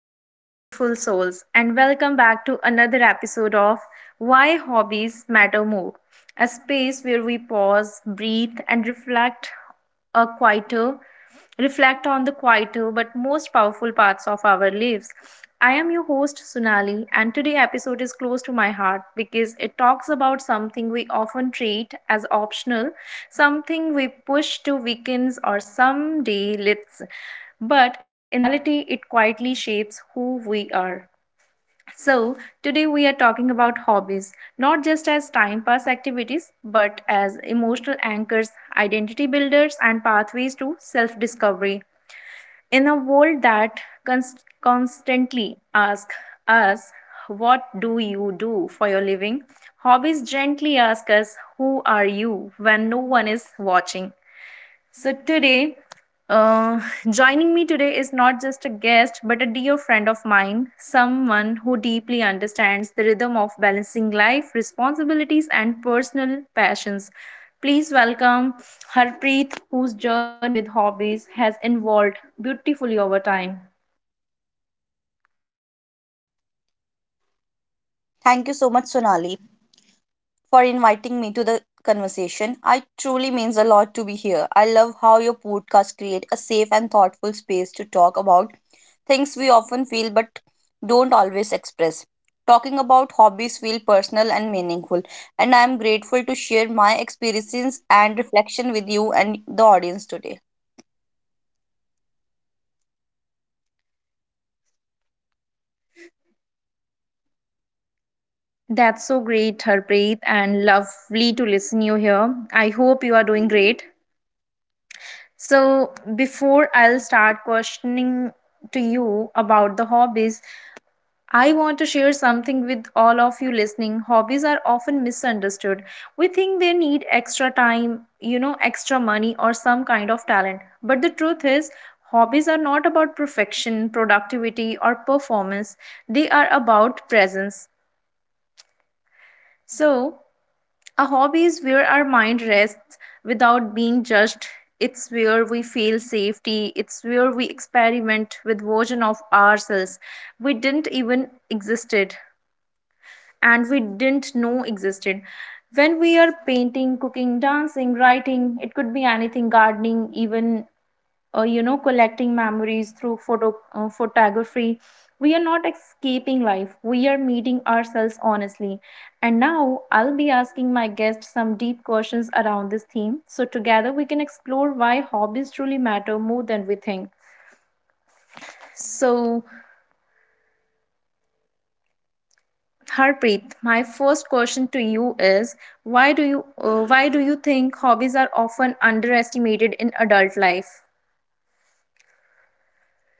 Hello, beautiful souls, and welcome back to another episode of Why Hobbies Matter More, a space where we pause, breathe, and a quieter, reflect on the quieter but most powerful parts of our lives. I am your host Sunali, and today's episode is close to my heart because it talks about something we often treat as optional, something we push to weekends or someday lists, but in reality, it quietly shapes who we are. So, today we are talking about hobbies, not just as time pass activities, but as emotional anchors, identity builders, and pathways to self discovery. In a world that constantly asks us, what do you do for your living? Hobbies gently ask us, who are you when no one is watching? So today, uh, Joining me today is not just a guest, but a dear friend of mine, someone who deeply understands the rhythm of balancing life, responsibilities, and personal passions. Please welcome Harpreet, whose journey with hobbies has evolved beautifully over time. Welcome, Harpreet. Thank you so much, Sonali, How for are you doing inviting me to today? the conversation. I truly means a lot to be here. I love how your podcast create a safe and thoughtful space to talk about things we often feel but don't always express. Talking about hobbies feel personal and meaningful, and I am grateful to share my experiences and reflection with you and the audience today. That's so great, Harpreet, and lovely to listen you here. I hope you are doing great. So, before I'll start questioning to you about the hobbies, I want to share something with all of you listening. Hobbies are often misunderstood. We think they need extra time, extra money, or some kind of talent. But the truth is, hobbies are not about perfection, productivity, or performance, they are about presence. So, a hobby is where our mind rests without being judged. It's where we feel safety. It's where we experiment with version of ourselves we didn't even existed and we didn't know existed. When we are painting, cooking, dancing, writing, it could be anything, gardening, even collecting memories through photography, we are not escaping life, we are meeting ourselves honestly. And now I'll be asking my guests some deep questions around this theme, so together we can explore why hobbies truly matter more than we think. So, Harpreet, my first question to you is, why do you think hobbies are often underestimated in adult life?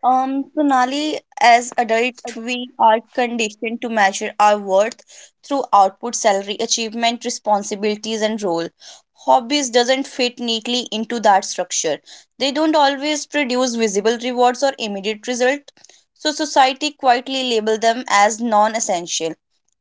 Sonali, as adult, we are conditioned to measure our worth through output, salary, achievement, responsibilities, and role. Hobbies doesn't fit neatly into that structure. They don't always produce visible rewards or immediate result, so society quietly label them as non-essential.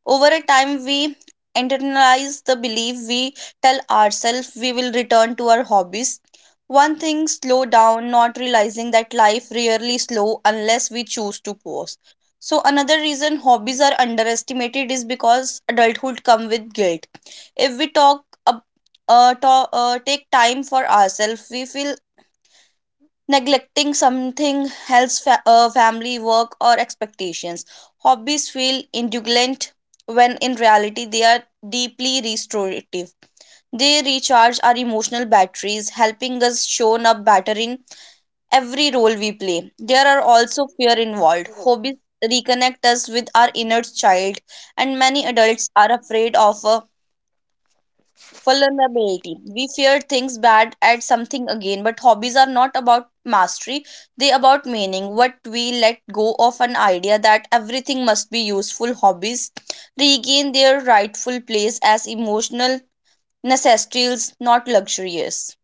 Over a time, we internalize the belief. We tell ourselves we will return to our hobbies one thing slow down, not realizing that life rarely slow unless we choose to pause. So another reason hobbies are underestimated is because adulthood come with guilt. If we take time for ourselves, we feel neglecting something else, family work or expectations. Hobbies feel indulgent when in reality they are deeply restorative. They recharge our emotional batteries, helping us shown up better in every role we play. There are also fear involved. Hobbies reconnect us with our inner child, and many adults are afraid of vulnerability. We fear things bad at something again, but hobbies are not about mastery, they about meaning. What we let go of an idea that everything must be useful, hobbies regain their rightful place as emotional necessities, not luxuries.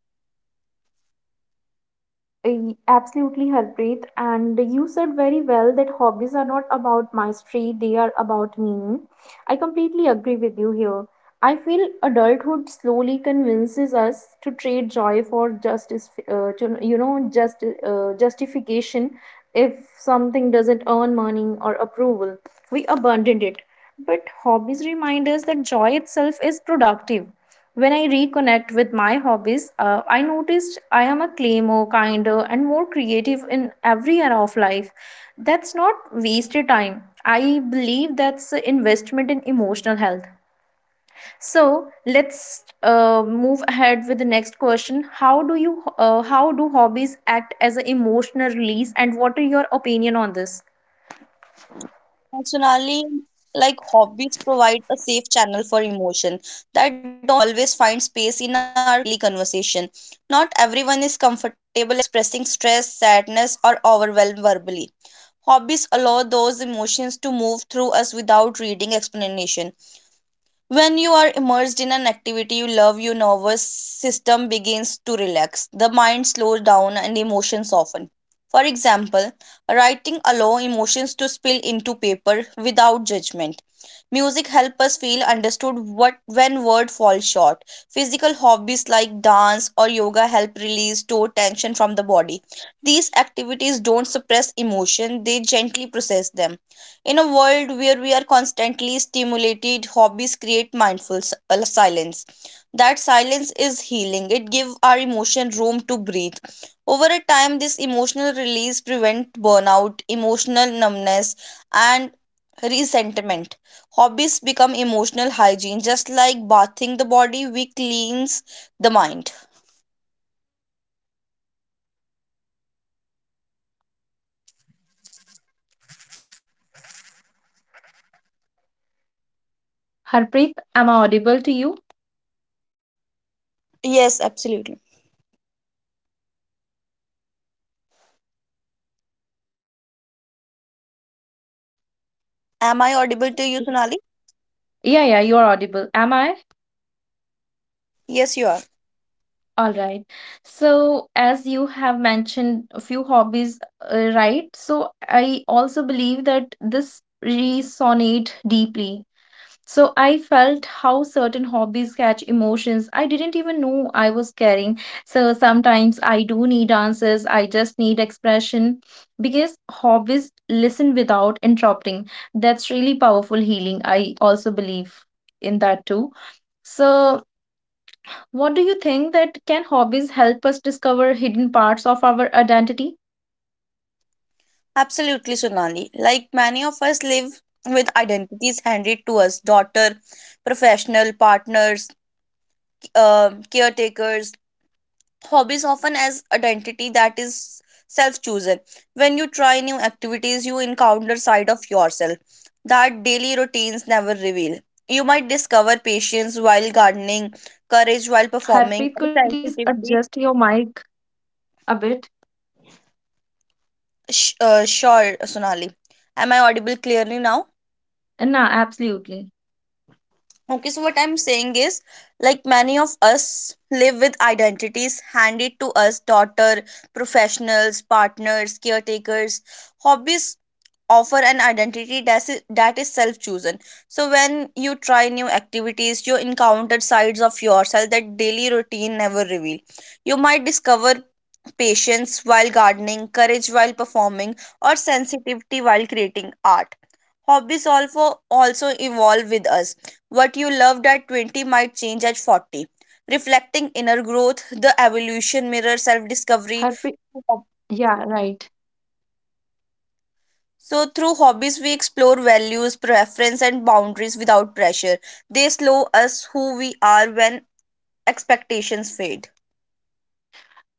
I absolutely, Harpreet. And you said very well that hobbies are not about mastery, they are about meaning. I completely agree with you here. I feel adulthood slowly convinces us to trade joy for justice, to, you know, just justification. If something doesn't earn money or approval, we abandon it. But hobbies remind us that joy itself is productive. When I reconnect with my hobbies, I noticed I am a claimer, kinder, and more creative in every era of life. That's not wasted time. I believe that's an investment in emotional health. So let's move ahead with the next question. How do hobbies act as an emotional release, and what are your opinion on this? Personally, like hobbies provide a safe channel for emotion that don't always find space in our daily conversation. Not everyone is comfortable expressing stress, sadness, or overwhelm verbally. Hobbies allow those emotions to move through us without reading explanation. When you are immersed in an activity you love, your nervous system begins to relax. The mind slows down and emotions soften. For example, writing allows emotions to spill into paper without judgment. Music help us feel understood what when word falls short. Physical hobbies like dance or yoga help release stored tension from the body. These activities don't suppress emotion, they gently process them. In a world where we are constantly stimulated, hobbies create mindful silence. That silence is healing. It gives our emotion room to breathe. Over a time, this emotional release prevent burnout, emotional numbness, and resentment. Hobbies become emotional hygiene. Just like bathing the body, we cleanse the mind. Yes, absolutely. I believe my internet was having some issues, but now I reconnected to you again. So I hope my Am voice I is clear. audible to you, Sonali? Yeah, yeah, you're audible. Am I? Yes, you are. All right. So, as you have mentioned a few hobbies, right? So, I also believe that this resonate deeply. So I felt how certain hobbies catch emotions I didn't even know I was carrying. So sometimes I do need answers, I just need expression because hobbies listen without interrupting. That's really powerful healing. I also believe in that too. So, what do you think, that can hobbies help us discover hidden parts of our identity? Absolutely, Sonali. Like many of us live with identities handed to us: daughter, professional, partners, caretakers. Hobbies often as identity that is self chosen. When you try new activities, you encounter side of yourself that daily routines never reveal. You might discover patience while gardening, courage while performing, Harpreet, or could you please sensitivity. adjust your mic a bit? Sure, Sonali, am I audible clearly now? No, absolutely. Okay, so what I'm saying is, like many of us live with identities handed to us: daughter, professionals, partners, caretakers. Hobbies offer an identity that is self chosen. So when you try new activities, you encounter sides of yourself that daily routine never reveal. You might discover patience while gardening, courage while performing, or sensitivity while creating art. Hobbies also evolve with us. What you loved at 20 might change at 40, reflecting inner growth. The evolution mirror self discovery. Harpreet, yeah, right. So, through hobbies, we explore values, preference, and boundaries without pressure. They slow us who we are when expectations fade.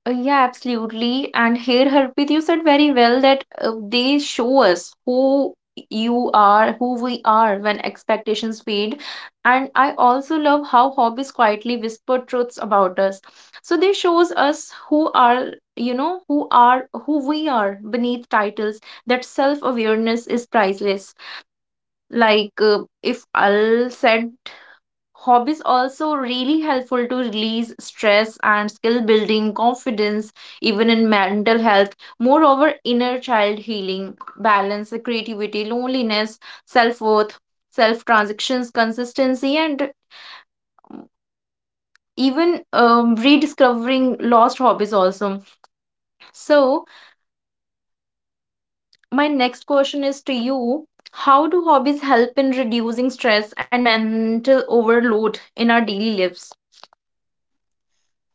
Yeah, absolutely. And here, Harpreet, you said very well that they show us who you are, who we are when expectations fade. And I also love how hobbies quietly whisper truths about us. So they shows us who are, who we are beneath titles. That self-awareness is priceless. Like if I'll said, hobbies also really helpful to release stress and skill building, confidence, even in mental health. Moreover, inner child healing, balance, creativity, loneliness, self worth, self transactions, consistency, and even rediscovering lost hobbies also. So, my next question is to you. How do hobbies help in reducing stress and mental overload in our daily lives?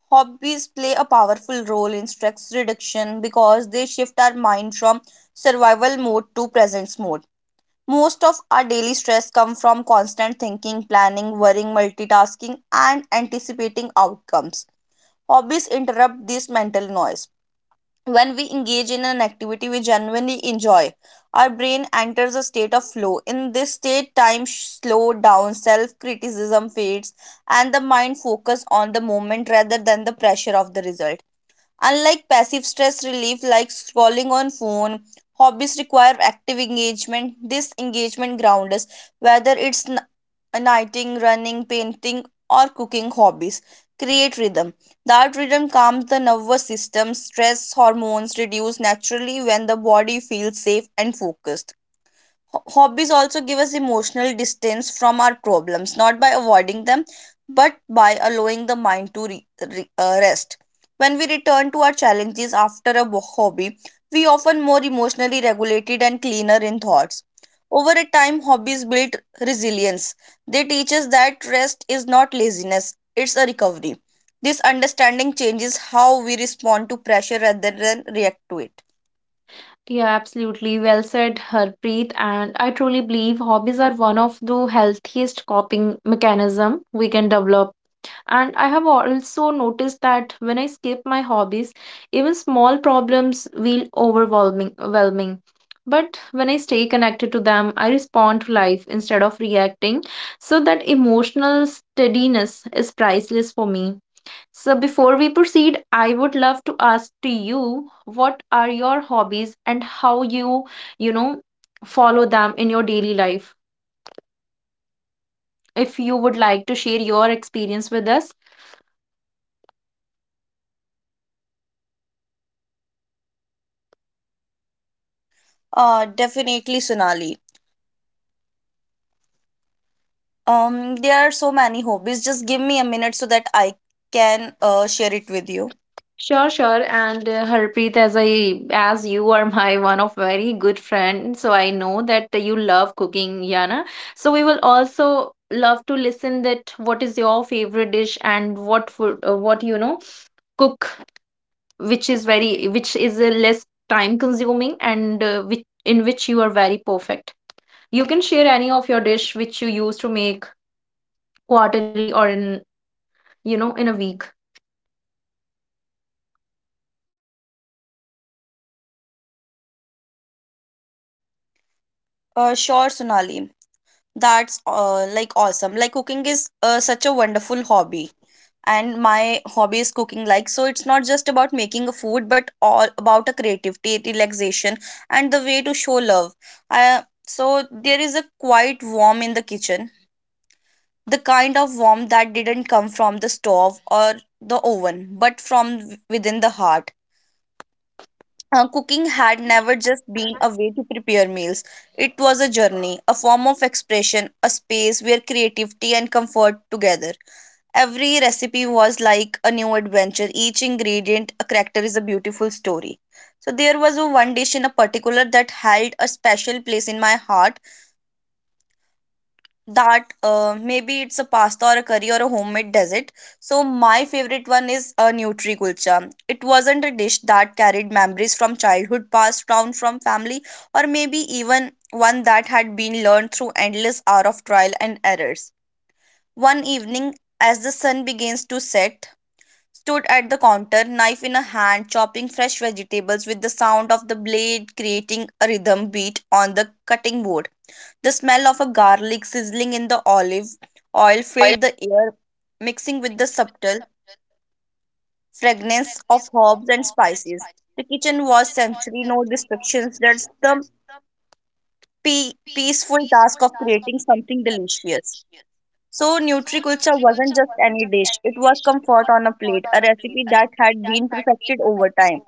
Hobbies play a powerful role in stress reduction because they shift our mind from survival mode to presence mode. Most of our daily stress comes from constant thinking, planning, worrying, multitasking, and anticipating outcomes. Hobbies interrupt this mental noise. When we engage in an activity we genuinely enjoy, our brain enters a state of flow. In this state, time slows down, self criticism fades, and the mind focuses on the moment rather than the pressure of the result. Unlike passive stress relief like scrolling on phone, hobbies require active engagement. This engagement grounds us, whether it's knitting, running, painting, or cooking hobbies. Create rhythm. That rhythm calms the nervous system. Stress hormones reduce naturally when the body feels safe and focused. Hobbies also give us emotional distance from our problems, not by avoiding them, but by allowing the mind to rest. When we return to our challenges after a hobby, we often more emotionally regulated and cleaner in thoughts. Over a time, hobbies build resilience. They teach us that rest is not laziness, it's a recovery. This understanding changes how we respond to pressure rather than react to it. Yeah, absolutely. Well said, Harpreet. And I truly believe hobbies are one of the healthiest coping mechanism we can develop. And I have also noticed that when I skip my hobbies, even small problems feel overwhelming. But when I stay connected to them, I respond to life instead of reacting. So that emotional steadiness is priceless for me. So before we proceed, I would love to ask to you, what are your hobbies and how you, you know, follow them in your daily life. If you would like to share your experience with us. Definitely, Sonali. There are so many hobbies. Just give me a minute so that I can share it with you. Sure, sure. And Harpreet, as you are my one of very good friend, so I know that you love cooking, Yana. So we will also love to listen that what is your favorite dish and what food, cook, which is less time consuming and which in which you are very perfect. You can share any of your dish which you use to make quarterly or in, you know, in a week. Sure, Sonali. That's like awesome. Like cooking is such a wonderful hobby. And my hobby is cooking. Like, so it's not just about making a food, but all about a creativity, relaxation, and the way to show love. So there is a quiet warm in the kitchen. The kind of warmth that didn't come from the stove or the oven, but from within the heart. Cooking had never just been a way to prepare meals. It was a journey, a form of expression, a space where creativity and comfort together. Every recipe was like a new adventure, each ingredient, a character is a beautiful story. So, there was a one dish in a particular that held a special place in my heart, that maybe it's a pasta or a curry or a homemade dessert. So my favorite one is a nutri kulcha. It wasn't a dish that carried memories from childhood passed down from family, or maybe even one that had been learned through endless hour of trial and errors. One evening, as the sun begins to set, stood at the counter, knife in a hand, chopping fresh vegetables with the sound of the blade creating a rhythm beat on the cutting board. The smell of a garlic sizzling in the olive oil filled the air, mixing with the subtle fragrance of herbs and spices. The kitchen was sensory, no distractions, just the peaceful task of creating something delicious. So, Nutriculture wasn't just any dish, it was comfort on a plate, a recipe that had been perfected over time.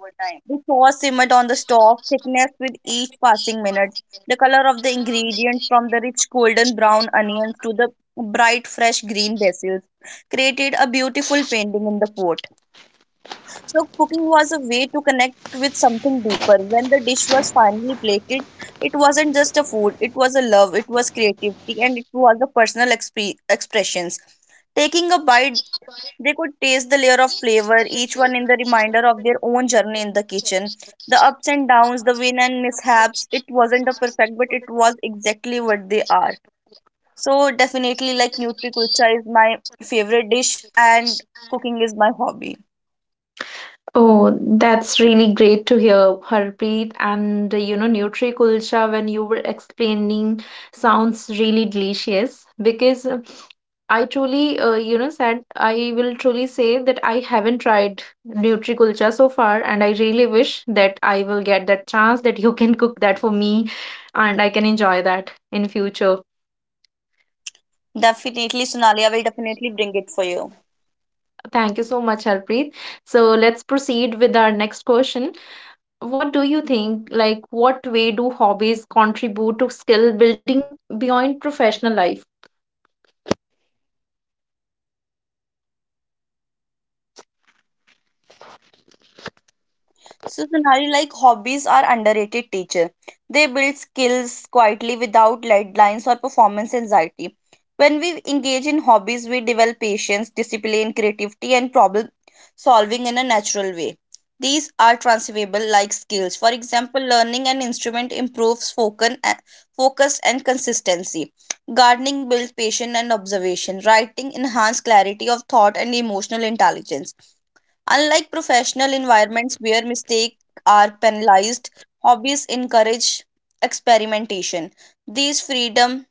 The sauce simmered on the stove, thickness with each passing minute. The color of the ingredients, from the rich golden brown onions to the bright fresh green basils, created a beautiful painting in the pot. So, cooking was a way to connect with something deeper. When the dish was finally plated, it wasn't just a food, it was a love, it was creativity, and it was a personal expressions. Taking a bite, they could taste the layer of flavor, each one in the reminder of their own journey in the kitchen. The ups and downs, the win and mishaps. It wasn't a perfect, but it was exactly what they are. So definitely like Nutri Kulcha is my favorite dish, and cooking is my hobby. Oh, that's really great to hear, Harpreet. And you know, Nutri Kulcha, when you were explaining, sounds really delicious because I truly, you know, said I will truly say that I haven't tried Nutri Kulcha so far, and I really wish that I will get that chance that you can cook that for me and I can enjoy that in future. Definitely Sonalia will definitely bring it for you. Thank you so much, Harpreet. So let's proceed with our next question. What do you think? Like, what way do hobbies contribute to skill building beyond professional life? So, Sonali, like hobbies are underrated teacher. They build skills quietly without deadlines or performance anxiety. When we engage in hobbies, we develop patience, discipline, creativity, and problem solving in a natural way. These are transferable like skills. For example, learning an instrument improves focus and consistency. Gardening builds patience and observation. Writing enhances clarity of thought and emotional intelligence. Unlike professional environments where mistakes are penalized, hobbies encourage experimentation. These freedom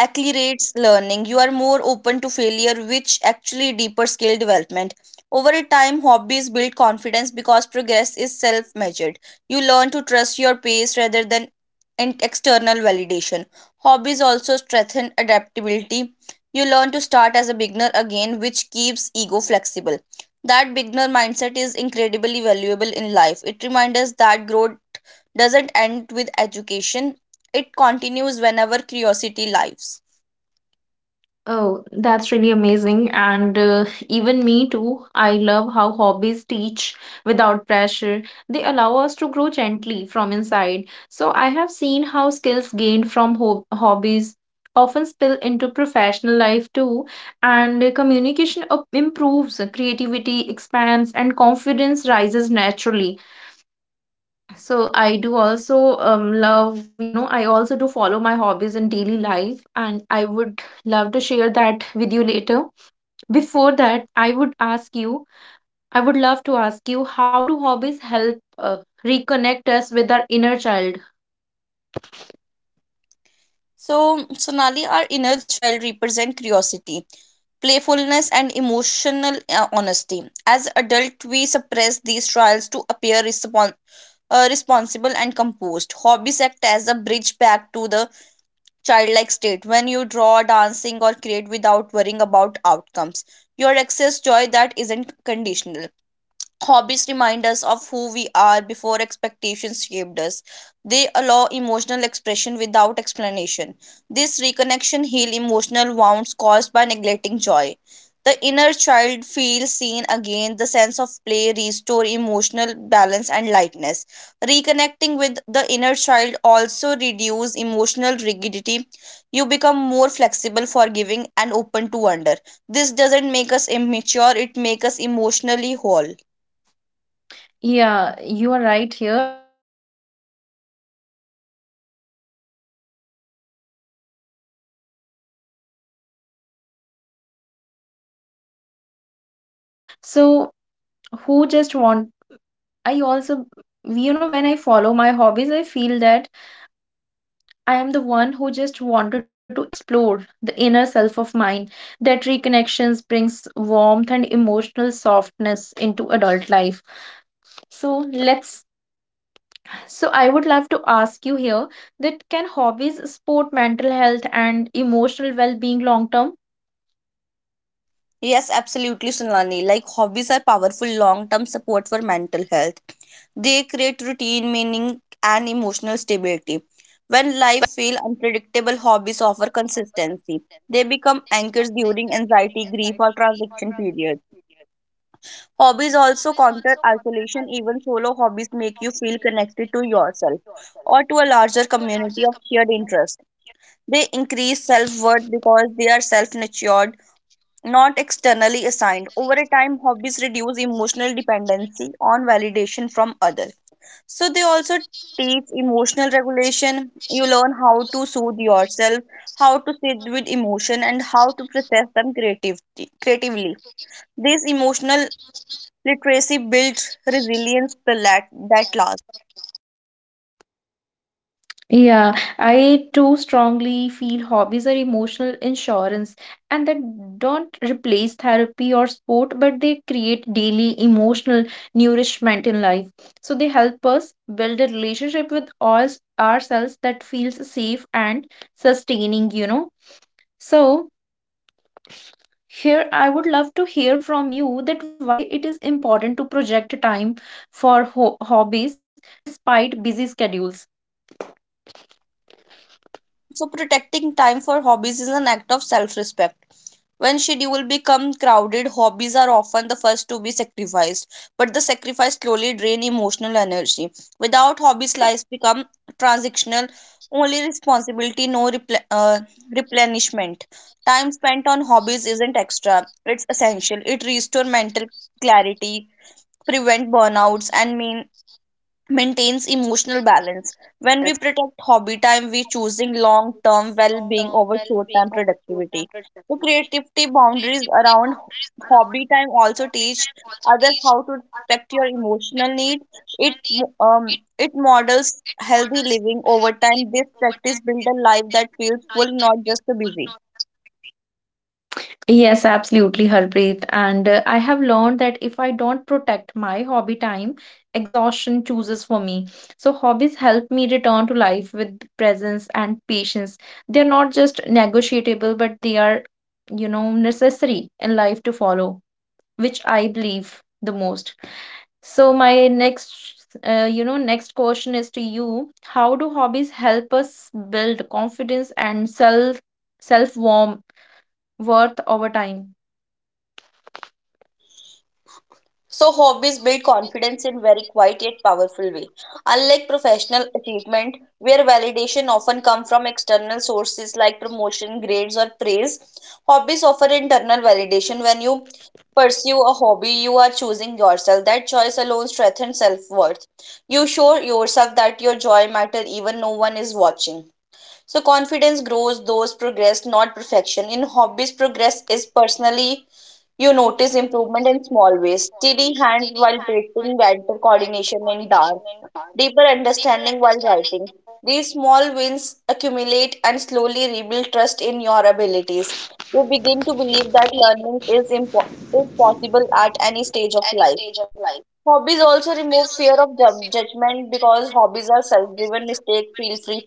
accelerates learning. You are more open to failure, which actually deeper skill development. Over a time, hobbies build confidence because progress is self measured. You learn to trust your pace rather than in external validation. Hobbies also strengthen adaptability. You learn to start as a beginner again, which keeps ego flexible. That beginner mindset is incredibly valuable in life. It reminds us that growth doesn't end with education, it continues whenever curiosity lives. Oh, that's really amazing. And even me too. I love how hobbies teach without pressure. They allow us to grow gently from inside. So I have seen how skills gained from ho hobbies often spill into professional life too. And communication up improves, creativity expands, and confidence rises naturally. So I do also love, I also do follow my hobbies in daily life, and I would love to share that with you later. Before that, I would love to ask you, how do hobbies help reconnect us with our inner child? So, Sonali, our inner child represent curiosity, playfulness, and emotional honesty. As adult, we suppress these trials to appear responsible and composed. Hobbies act as a bridge back to the childlike state. When you draw, dancing, or create without worrying about outcomes, your excess joy that isn't conditional. Hobbies remind us of who we are before expectations shaped us. They allow emotional expression without explanation. This reconnection heals emotional wounds caused by neglecting joy. The inner child feels seen again. The sense of play restore emotional balance and lightness. Reconnecting with the inner child also reduce emotional rigidity. You become more flexible, forgiving, and open to wonder. This doesn't make us immature; it makes us emotionally whole. Yeah, you are right here. And you know, this also feels so true. Every time I engage in a hobby, I feel lighter, like I am meeting a young version of myself. So who just want I also you know When I follow my hobbies, I feel that I am the one who just wanted to explore the inner self of mine. That reconnections brings warmth and emotional softness into adult life. So let's so I would love to ask you here that, can hobbies support mental health and emotional well-being long term? Yes, absolutely, Sunani. Like hobbies are powerful long-term support for mental health. They create routine, meaning, and emotional stability. When life feels unpredictable, hobbies offer consistency. They become anchors during anxiety, grief, or transition periods. Hobbies also counter isolation. Even solo hobbies make you feel connected to yourself or to a larger community of shared interest. They increase self worth because they are self nurtured not externally assigned. Over a time, hobbies reduce emotional dependency on validation from others. So they also teach emotional regulation. You learn how to soothe yourself, how to sit with emotion, and how to process them creatively. This emotional literacy builds resilience that lasts. Yeah, I too strongly feel hobbies are emotional insurance and that don't replace therapy or sport, but they create daily emotional nourishment in life. So they help us build a relationship with ourselves that feels safe and sustaining, you know. So here I would love to hear from you that, why it is important to project time for ho hobbies despite busy schedules. So, protecting time for hobbies is an act of self respect. When schedule become crowded, hobbies are often the first to be sacrificed, Harpreet? but the sacrifice slowly Are drain we emotional still energy. connected with Without each hobbies, other? lives become transactional, only responsibility, no repl- replenishment. Time spent on hobbies isn't extra; it's essential. It restores mental clarity, prevent burnouts, and mean maintains emotional balance. When we protect hobby time, we choosing long term well being over short term productivity. The creativity boundaries around hobby time also teach others how to respect your emotional needs. It models healthy living over time. This practice build a life that feels full, not just busy. Yes, absolutely, Harpreet. And I have learned that if I don't protect my hobby time, exhaustion chooses for me. So, hobbies help me return to life with presence and patience. They're not just negotiable, but they are, you know, necessary in life to follow, which I believe the most. So my next question is to you. How do hobbies help us build confidence and self self warm worth over time? So hobbies build confidence in very quiet yet powerful way. Unlike professional achievement, where validation often comes from external sources like promotion, grades, or praise, hobbies offer internal validation. When you pursue a hobby, you are choosing yourself. That choice alone strengthens self-worth. You show yourself that your joy matters, even no one is watching. So confidence grows those progress, not perfection. In hobbies, progress is personally you notice improvement in small ways, steady hands while painting, better coordination in dance, deeper understanding while writing. These small wins accumulate and slowly rebuild trust in your abilities. You begin to believe that learning is possible at any stage of life. Hobbies also remove fear of judgment because hobbies are self driven, mistake feel free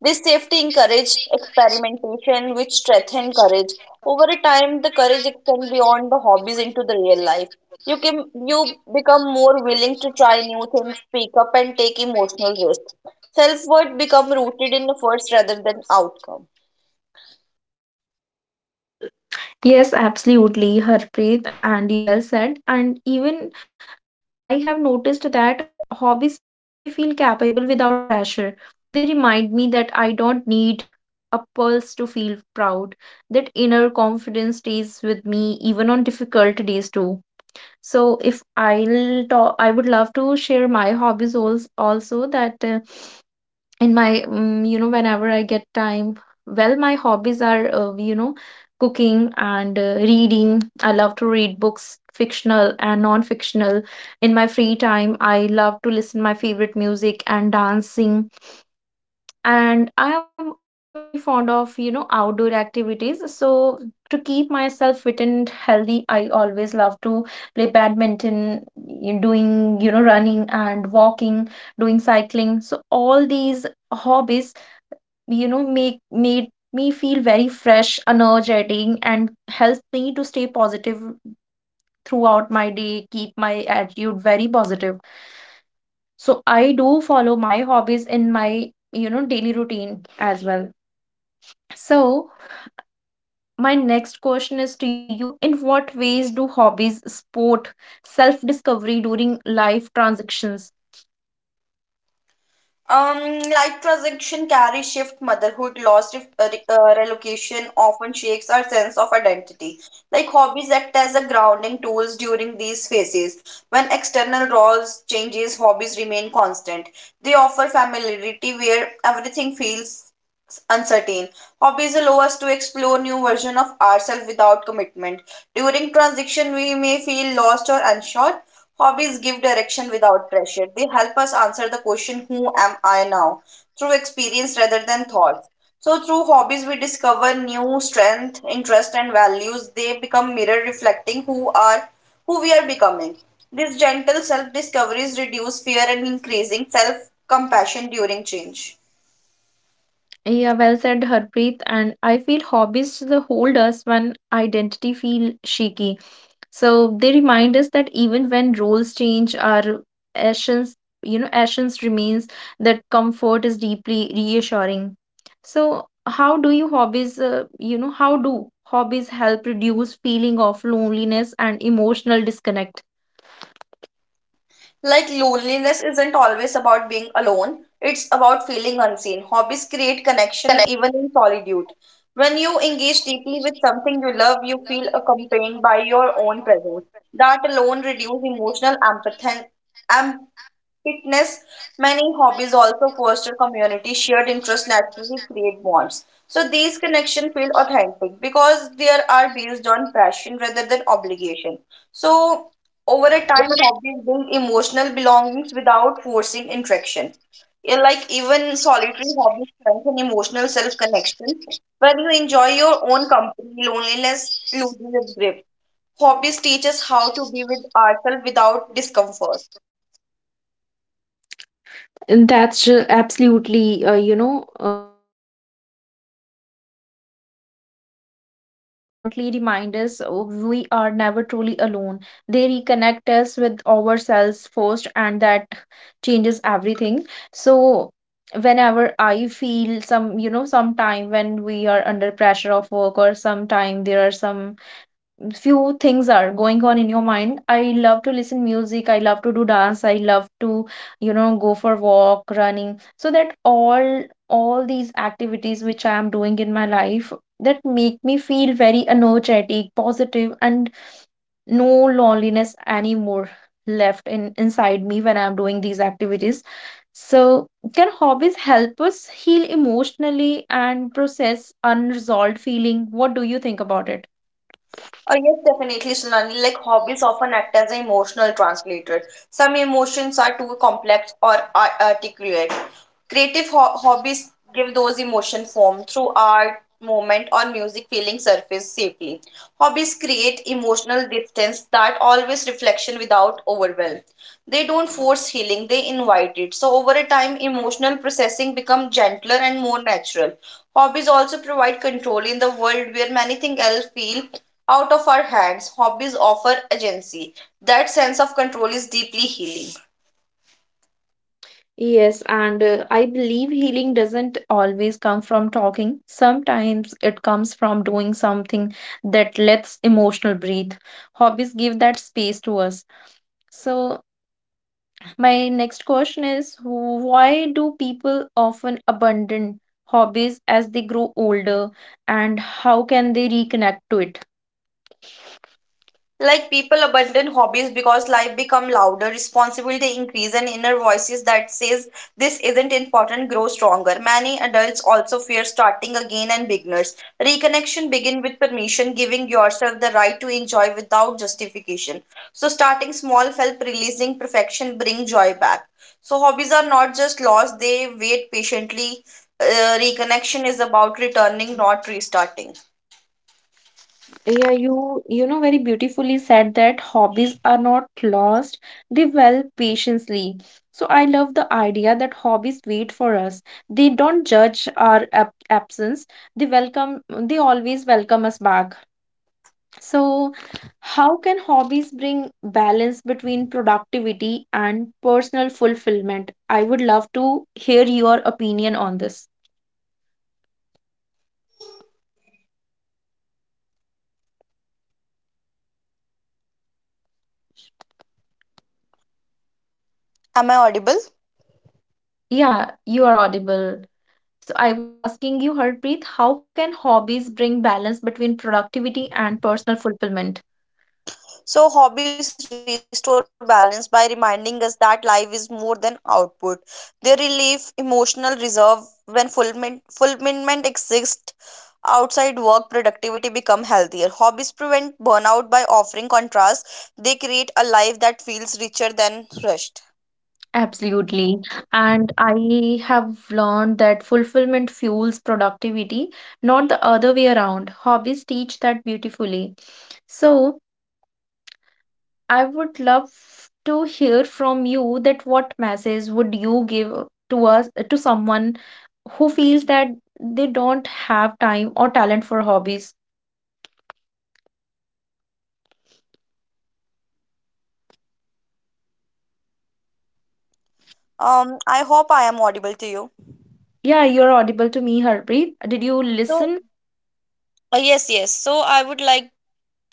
this safety encouraged experimentation, which strengthened courage. Over a time, the courage extends beyond the hobbies into the real life. You become more willing to try new things, speak up, and take emotional risks. Self worth become rooted in efforts rather than outcome. Yes, absolutely, Harpreet, and you well said. And even I have noticed that hobbies make me feel capable without pressure. They remind me that I don't need a pulse to feel proud, that inner confidence stays with me even on difficult days too. So if I'll talk, I would love to share my hobbies also that in my, whenever I get time, well, my hobbies are, cooking and reading. I love to read books, fictional and non-fictional. In my free time, I love to listen my favorite music and dancing. And I am also very fond of, you know, outdoor activities. So to keep myself fit and healthy, I always love to play badminton, doing, you know, running and walking, doing cycling. So all these hobbies, you know, make made me feel very fresh, and help me to stay positive throughout my day, keep my attitude very positive. So I do follow my hobbies in my, daily routine as well. So, my next question is to you. In what ways do hobbies support self-discovery during life transactions? Life transition carry shift, motherhood, loss, relocation often shakes our sense of identity. Like hobbies act as a grounding tools during these phases. When external roles changes, hobbies remain constant. They offer familiarity where everything feels uncertain. Hobbies allow us to explore new version of ourselves without commitment. During transition, we may feel lost or unsure. Hobbies give direction without pressure. They help us answer the question, "Who am I now?" through experience rather than thoughts. So, through hobbies, we discover new strength, interest, and values. They become mirror reflecting who we are becoming. This gentle self discovery reduces fear and increasing self compassion during change. Yeah, well said, Harpreet. And I feel hobbies hold us when identity feel shaky. So they remind us that even when roles change, our essence, essence remains, that comfort is deeply reassuring. So how do you hobbies, how do hobbies help reduce feeling of loneliness and emotional disconnect? Like loneliness isn't always about being alone, it's about feeling unseen. Hobbies create connection even in solitude. When you engage deeply with something you love, you feel accompanied by your own presence. That alone reduces emotional empathy, fitness, many hobbies also foster community. Shared interests naturally create bonds. So these connections feel authentic because they are based on passion rather than obligation. So over a time, hobbies build emotional belongings without forcing interaction. Yeah. Like even solitary hobbies strengthen emotional self connection. When you enjoy your own company, loneliness loses its grip. Hobbies teach us how to be with ourselves without discomfort. And that's absolutely, absolutely true. Because I love how hobbies gently remind us we are never truly alone. They reconnect us with ourselves first, and that changes everything. So, whenever I feel some, some time when we are under pressure of work, or sometime there are some few things are going on in your mind, I love to listen music, I love to do dance, I love to, go for walk running, so that all these activities which I am doing in my life, that make me feel very energetic, positive, and no loneliness anymore left in inside me when I am doing these activities. So can hobbies help us heal emotionally and process unresolved feeling? What do you think about it? Oh, yes, definitely, Sunani. Like hobbies often act as an emotional translator. Some emotions are too complex or articulate. Creative hobbies give those emotion form through art, movement, or music feeling surface safely. Hobbies create emotional distance that always reflection without overwhelm. They don't force healing; they invite it. So over a time, emotional processing become gentler and more natural. Hobbies also provide control in the world where many things else feel out of our hands, hobbies offer agency. That sense of control is deeply healing. Yes, and I believe healing doesn't always come from talking. Sometimes it comes from doing something that lets emotional breathe. Hobbies give that space to us. So, my next question is why do people often abandon hobbies as they grow older, and how can they reconnect to it? Like people abandon hobbies because life become louder, responsibility increase, and inner voices that says this isn't important grow stronger. Many adults also fear starting again and beginners. Reconnection begin with permission, giving yourself the right to enjoy without justification. So starting small help, releasing perfection bring joy back. So hobbies are not just lost, they wait patiently. Reconnection is about returning, not restarting. Yeah, you know very beautifully said that hobbies are not lost, they dwell patiently. So I love the idea that hobbies wait for us. They don't judge our ab absence. They welcome, they always welcome us back. So how can hobbies bring balance between productivity and personal fulfillment? I would love to hear your opinion on this. Am I audible? Yeah, you are audible. So I was asking you, Harpreet, how can hobbies bring balance between productivity and personal fulfillment? So, hobbies restore balance by reminding us that life is more than output. They relieve emotional reserve when fulfillment exists outside work. Productivity become healthier. Hobbies prevent burnout by offering contrast. They create a life that feels richer than rushed. Absolutely. And I have learned that fulfillment fuels productivity, not the other way around. Hobbies teach that beautifully. So I would love to hear from you, that what message would you give to us, to someone who feels that they don't have time or talent for hobbies? Um, I hope I am audible to you. Yeah, you're audible to me, Harpreet. Did you So, listen? yes, so I would like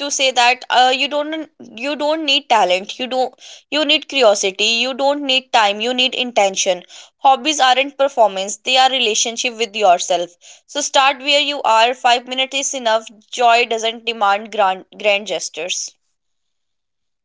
to say that, you don't need talent. You need curiosity. You don't need time, you need intention. Hobbies aren't performance, they are relationship with yourself. So start where you are. 5 minutes is enough. Joy doesn't demand grand gestures.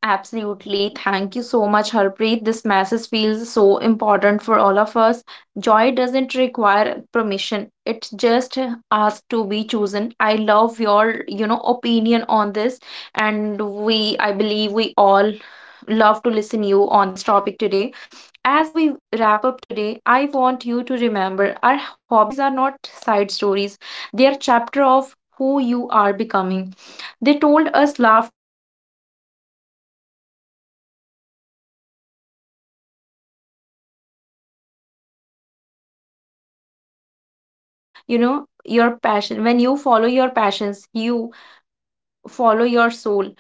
Absolutely. Thank you so much, Harpreet. This message feels so important for all of us. Joy doesn't require permission. It just asks to be chosen. I love your, opinion on this, and we, I believe we all love to listen you on this topic today. As we wrap up today, I want you to remember our hobbies are not side stories. They are chapter of who you are becoming. They told us laughter, your healing, your growth. Make space for what makes you feel alive. Because when you nurture, your passion, when you follow your passions, you follow your soul.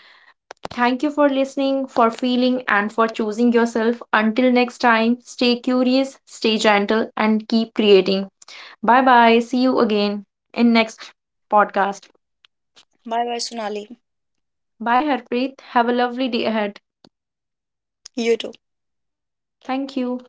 Thank you for listening, for feeling, and for choosing yourself. Until next time, stay curious, stay gentle, and keep creating. Bye bye. See you again in next podcast. Bye bye, Sonali. Bye, Harpreet. Have a lovely day ahead. You too. Thank you.